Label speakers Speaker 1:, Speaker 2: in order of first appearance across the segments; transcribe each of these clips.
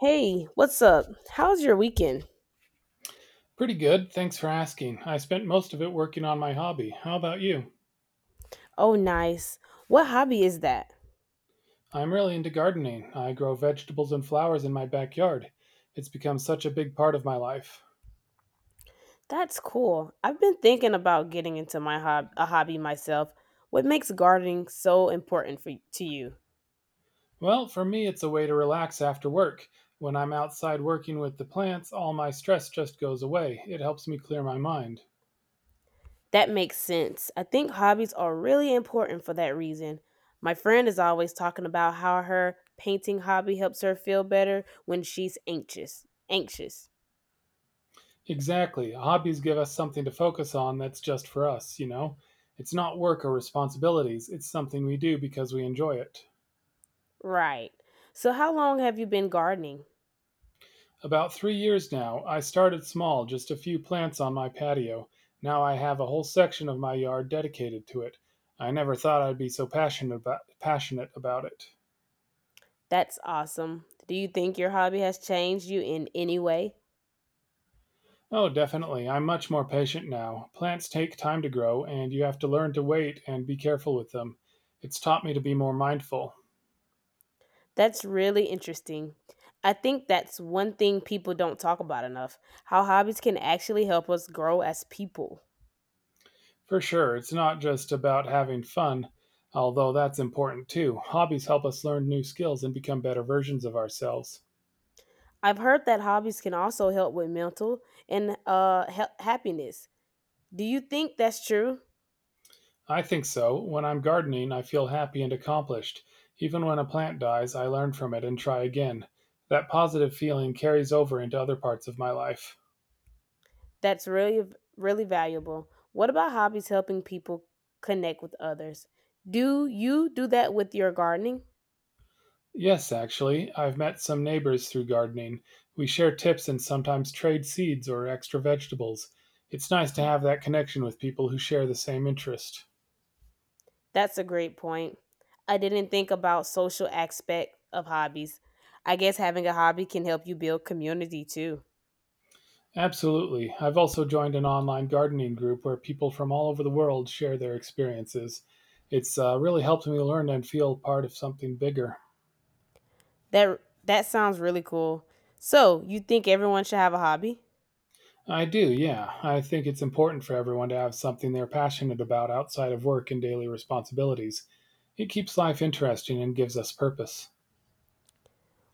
Speaker 1: Hey, what's up? How's your weekend?
Speaker 2: Pretty good, thanks for asking. I spent most of it working on my hobby. How about you?
Speaker 1: Oh, nice. What hobby is that?
Speaker 2: I'm really into gardening. I grow vegetables and flowers in my backyard. It's become such a big part of my life.
Speaker 1: That's cool. I've been thinking about getting into a hobby myself. What makes gardening so important for to you?
Speaker 2: Well, for me, it's a way to relax after work. When I'm outside working with the plants, all my stress just goes away. It helps me clear my mind.
Speaker 1: That makes sense. I think hobbies are really important for that reason. My friend is always talking about how her painting hobby helps her feel better when she's anxious. Anxious.
Speaker 2: Exactly. Hobbies give us something to focus on that's just for us, you know? It's not work or responsibilities, it's something we do because we enjoy it.
Speaker 1: Right. So how long have you been gardening?
Speaker 2: About 3 years now, I started small, just a few plants on my patio. Now I have a whole section of my yard dedicated to it. I never thought I'd be so passionate about it.
Speaker 1: That's awesome. Do you think your hobby has changed you in any way?
Speaker 2: Oh, definitely. I'm much more patient now. Plants take time to grow, and you have to learn to wait and be careful with them. It's taught me to be more mindful.
Speaker 1: That's really interesting. I think that's one thing people don't talk about enough, how hobbies can actually help us grow as people.
Speaker 2: For sure, it's not just about having fun, although that's important too. Hobbies help us learn new skills and become better versions of ourselves.
Speaker 1: I've heard that hobbies can also help with mental and happiness. Do you think that's true?
Speaker 2: I think so. When I'm gardening, I feel happy and accomplished. Even when a plant dies, I learn from it and try again. That positive feeling carries over into other parts of my life.
Speaker 1: That's really valuable. What about hobbies helping people connect with others? Do you do that with your gardening?
Speaker 2: Yes, actually, I've met some neighbors through gardening. We share tips and sometimes trade seeds or extra vegetables. It's nice to have that connection with people who share the same interest.
Speaker 1: That's a great point. I didn't think about social aspect of hobbies. I guess having a hobby can help you build community too.
Speaker 2: Absolutely. I've also joined an online gardening group where people from all over the world share their experiences. It's really helped me learn and feel part of something bigger.
Speaker 1: That sounds really cool. So, you think everyone should have a hobby?
Speaker 2: I do, yeah. I think it's important for everyone to have something they're passionate about outside of work and daily responsibilities. It keeps life interesting and gives us purpose.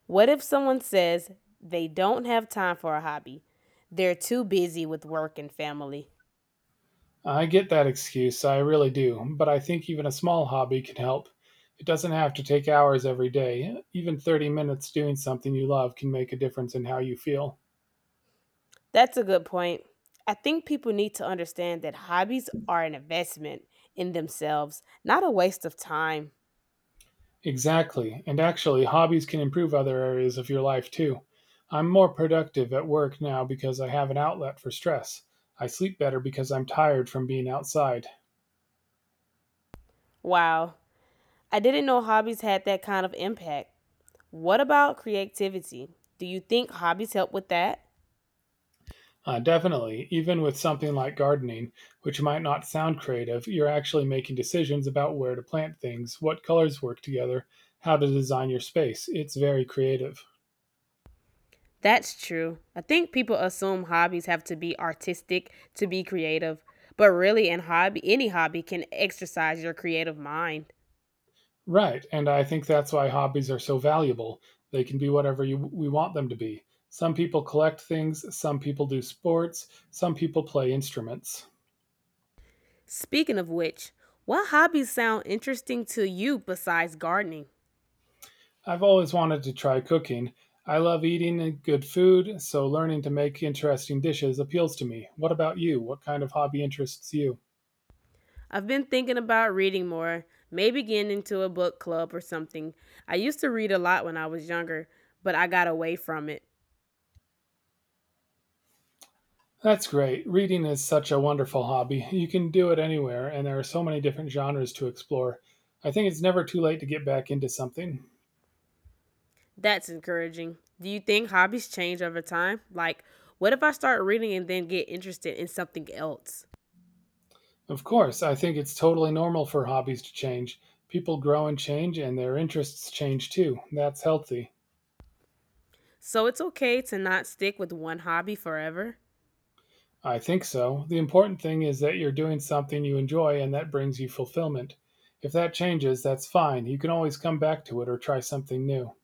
Speaker 1: What if someone says they don't have time for a hobby? They're too busy with work and family.
Speaker 2: I get that excuse, I really do, but I think even a small hobby can help. It doesn't have to take hours every day. Even 30 minutes doing something you love can make a difference in how you feel.
Speaker 1: That's a good point. I think people need to understand that hobbies are an investment in themselves, not a waste of time.
Speaker 2: Exactly. And actually, hobbies can improve other areas of your life too. I'm more productive at work now because I have an outlet for stress. I sleep better because I'm tired from being outside.
Speaker 1: Wow. I didn't know hobbies had that kind of impact. What about creativity? Do you think hobbies help with that?
Speaker 2: Definitely, even with something like gardening, which might not sound creative, you're actually making decisions about where to plant things, what colors work together, how to design your space. It's very creative.
Speaker 1: That's true. I think people assume hobbies have to be artistic to be creative, but really an hobby any hobby can exercise your creative mind.
Speaker 2: Right, and I think that's why hobbies are so valuable. They can be whatever you, we want them to be. Some people collect things, some people do sports, some people play instruments.
Speaker 1: Speaking of which, what hobbies sound interesting to you besides gardening?
Speaker 2: I've always wanted to try cooking. I love eating and good food, so learning to make interesting dishes appeals to me. What about you? What kind of hobby interests you?
Speaker 1: I've been thinking about reading more, maybe getting into a book club or something. I used to read a lot when I was younger, but I got away from it.
Speaker 2: That's great. Reading is such a wonderful hobby. You can do it anywhere, and there are so many different genres to explore. I think it's never too late to get back into something.
Speaker 1: That's encouraging. Do you think hobbies change over time? Like, what if I start reading and then get interested in something else?
Speaker 2: Of course, I think it's totally normal for hobbies to change. People grow and change, and their interests change too. That's healthy.
Speaker 1: So it's okay to not stick with one hobby forever.
Speaker 2: I think so. The important thing is that you're doing something you enjoy and that brings you fulfillment. If that changes, that's fine. You can always come back to it or try something new.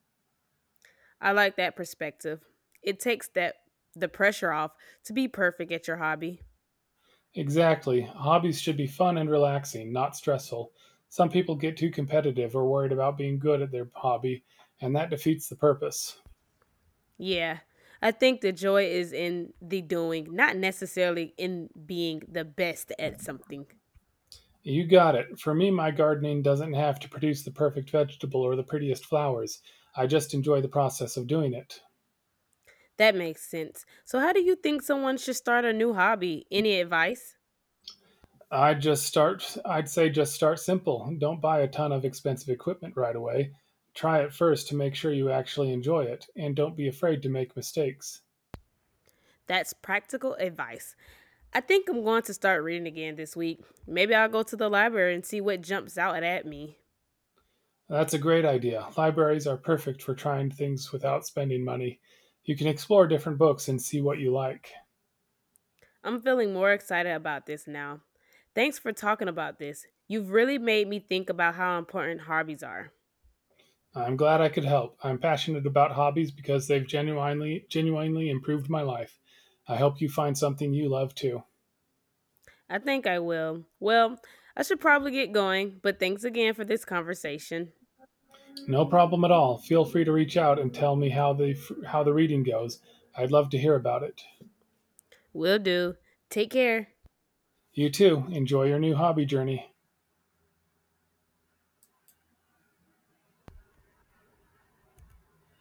Speaker 1: I like that perspective. It takes that the pressure off to be perfect at your hobby.
Speaker 2: Exactly. Hobbies should be fun and relaxing, not stressful. Some people get too competitive or worried about being good at their hobby, and that defeats the purpose.
Speaker 1: Yeah. I think the joy is in the doing, not necessarily in being the best at something.
Speaker 2: You got it. For me, my gardening doesn't have to produce the perfect vegetable or the prettiest flowers. I just enjoy the process of doing it.
Speaker 1: That makes sense. So how do you think someone should start a new hobby? Any advice?
Speaker 2: I'd say just start simple. Don't buy a ton of expensive equipment right away. Try it first to make sure you actually enjoy it, and don't be afraid to make mistakes.
Speaker 1: That's practical advice. I think I'm going to start reading again this week. Maybe I'll go to the library and see what jumps out at me.
Speaker 2: That's a great idea. Libraries are perfect for trying things without spending money. You can explore different books and see what you like.
Speaker 1: I'm feeling more excited about this now. Thanks for talking about this. You've really made me think about how important hobbies are.
Speaker 2: I'm glad I could help. I'm passionate about hobbies because they've genuinely improved my life. I hope you find something you love too.
Speaker 1: I think I will. Well, I should probably get going, but thanks again for this conversation.
Speaker 2: No problem at all. Feel free to reach out and tell me how the reading goes. I'd love to hear about it.
Speaker 1: Will do. Take care.
Speaker 2: You too. Enjoy your new hobby journey.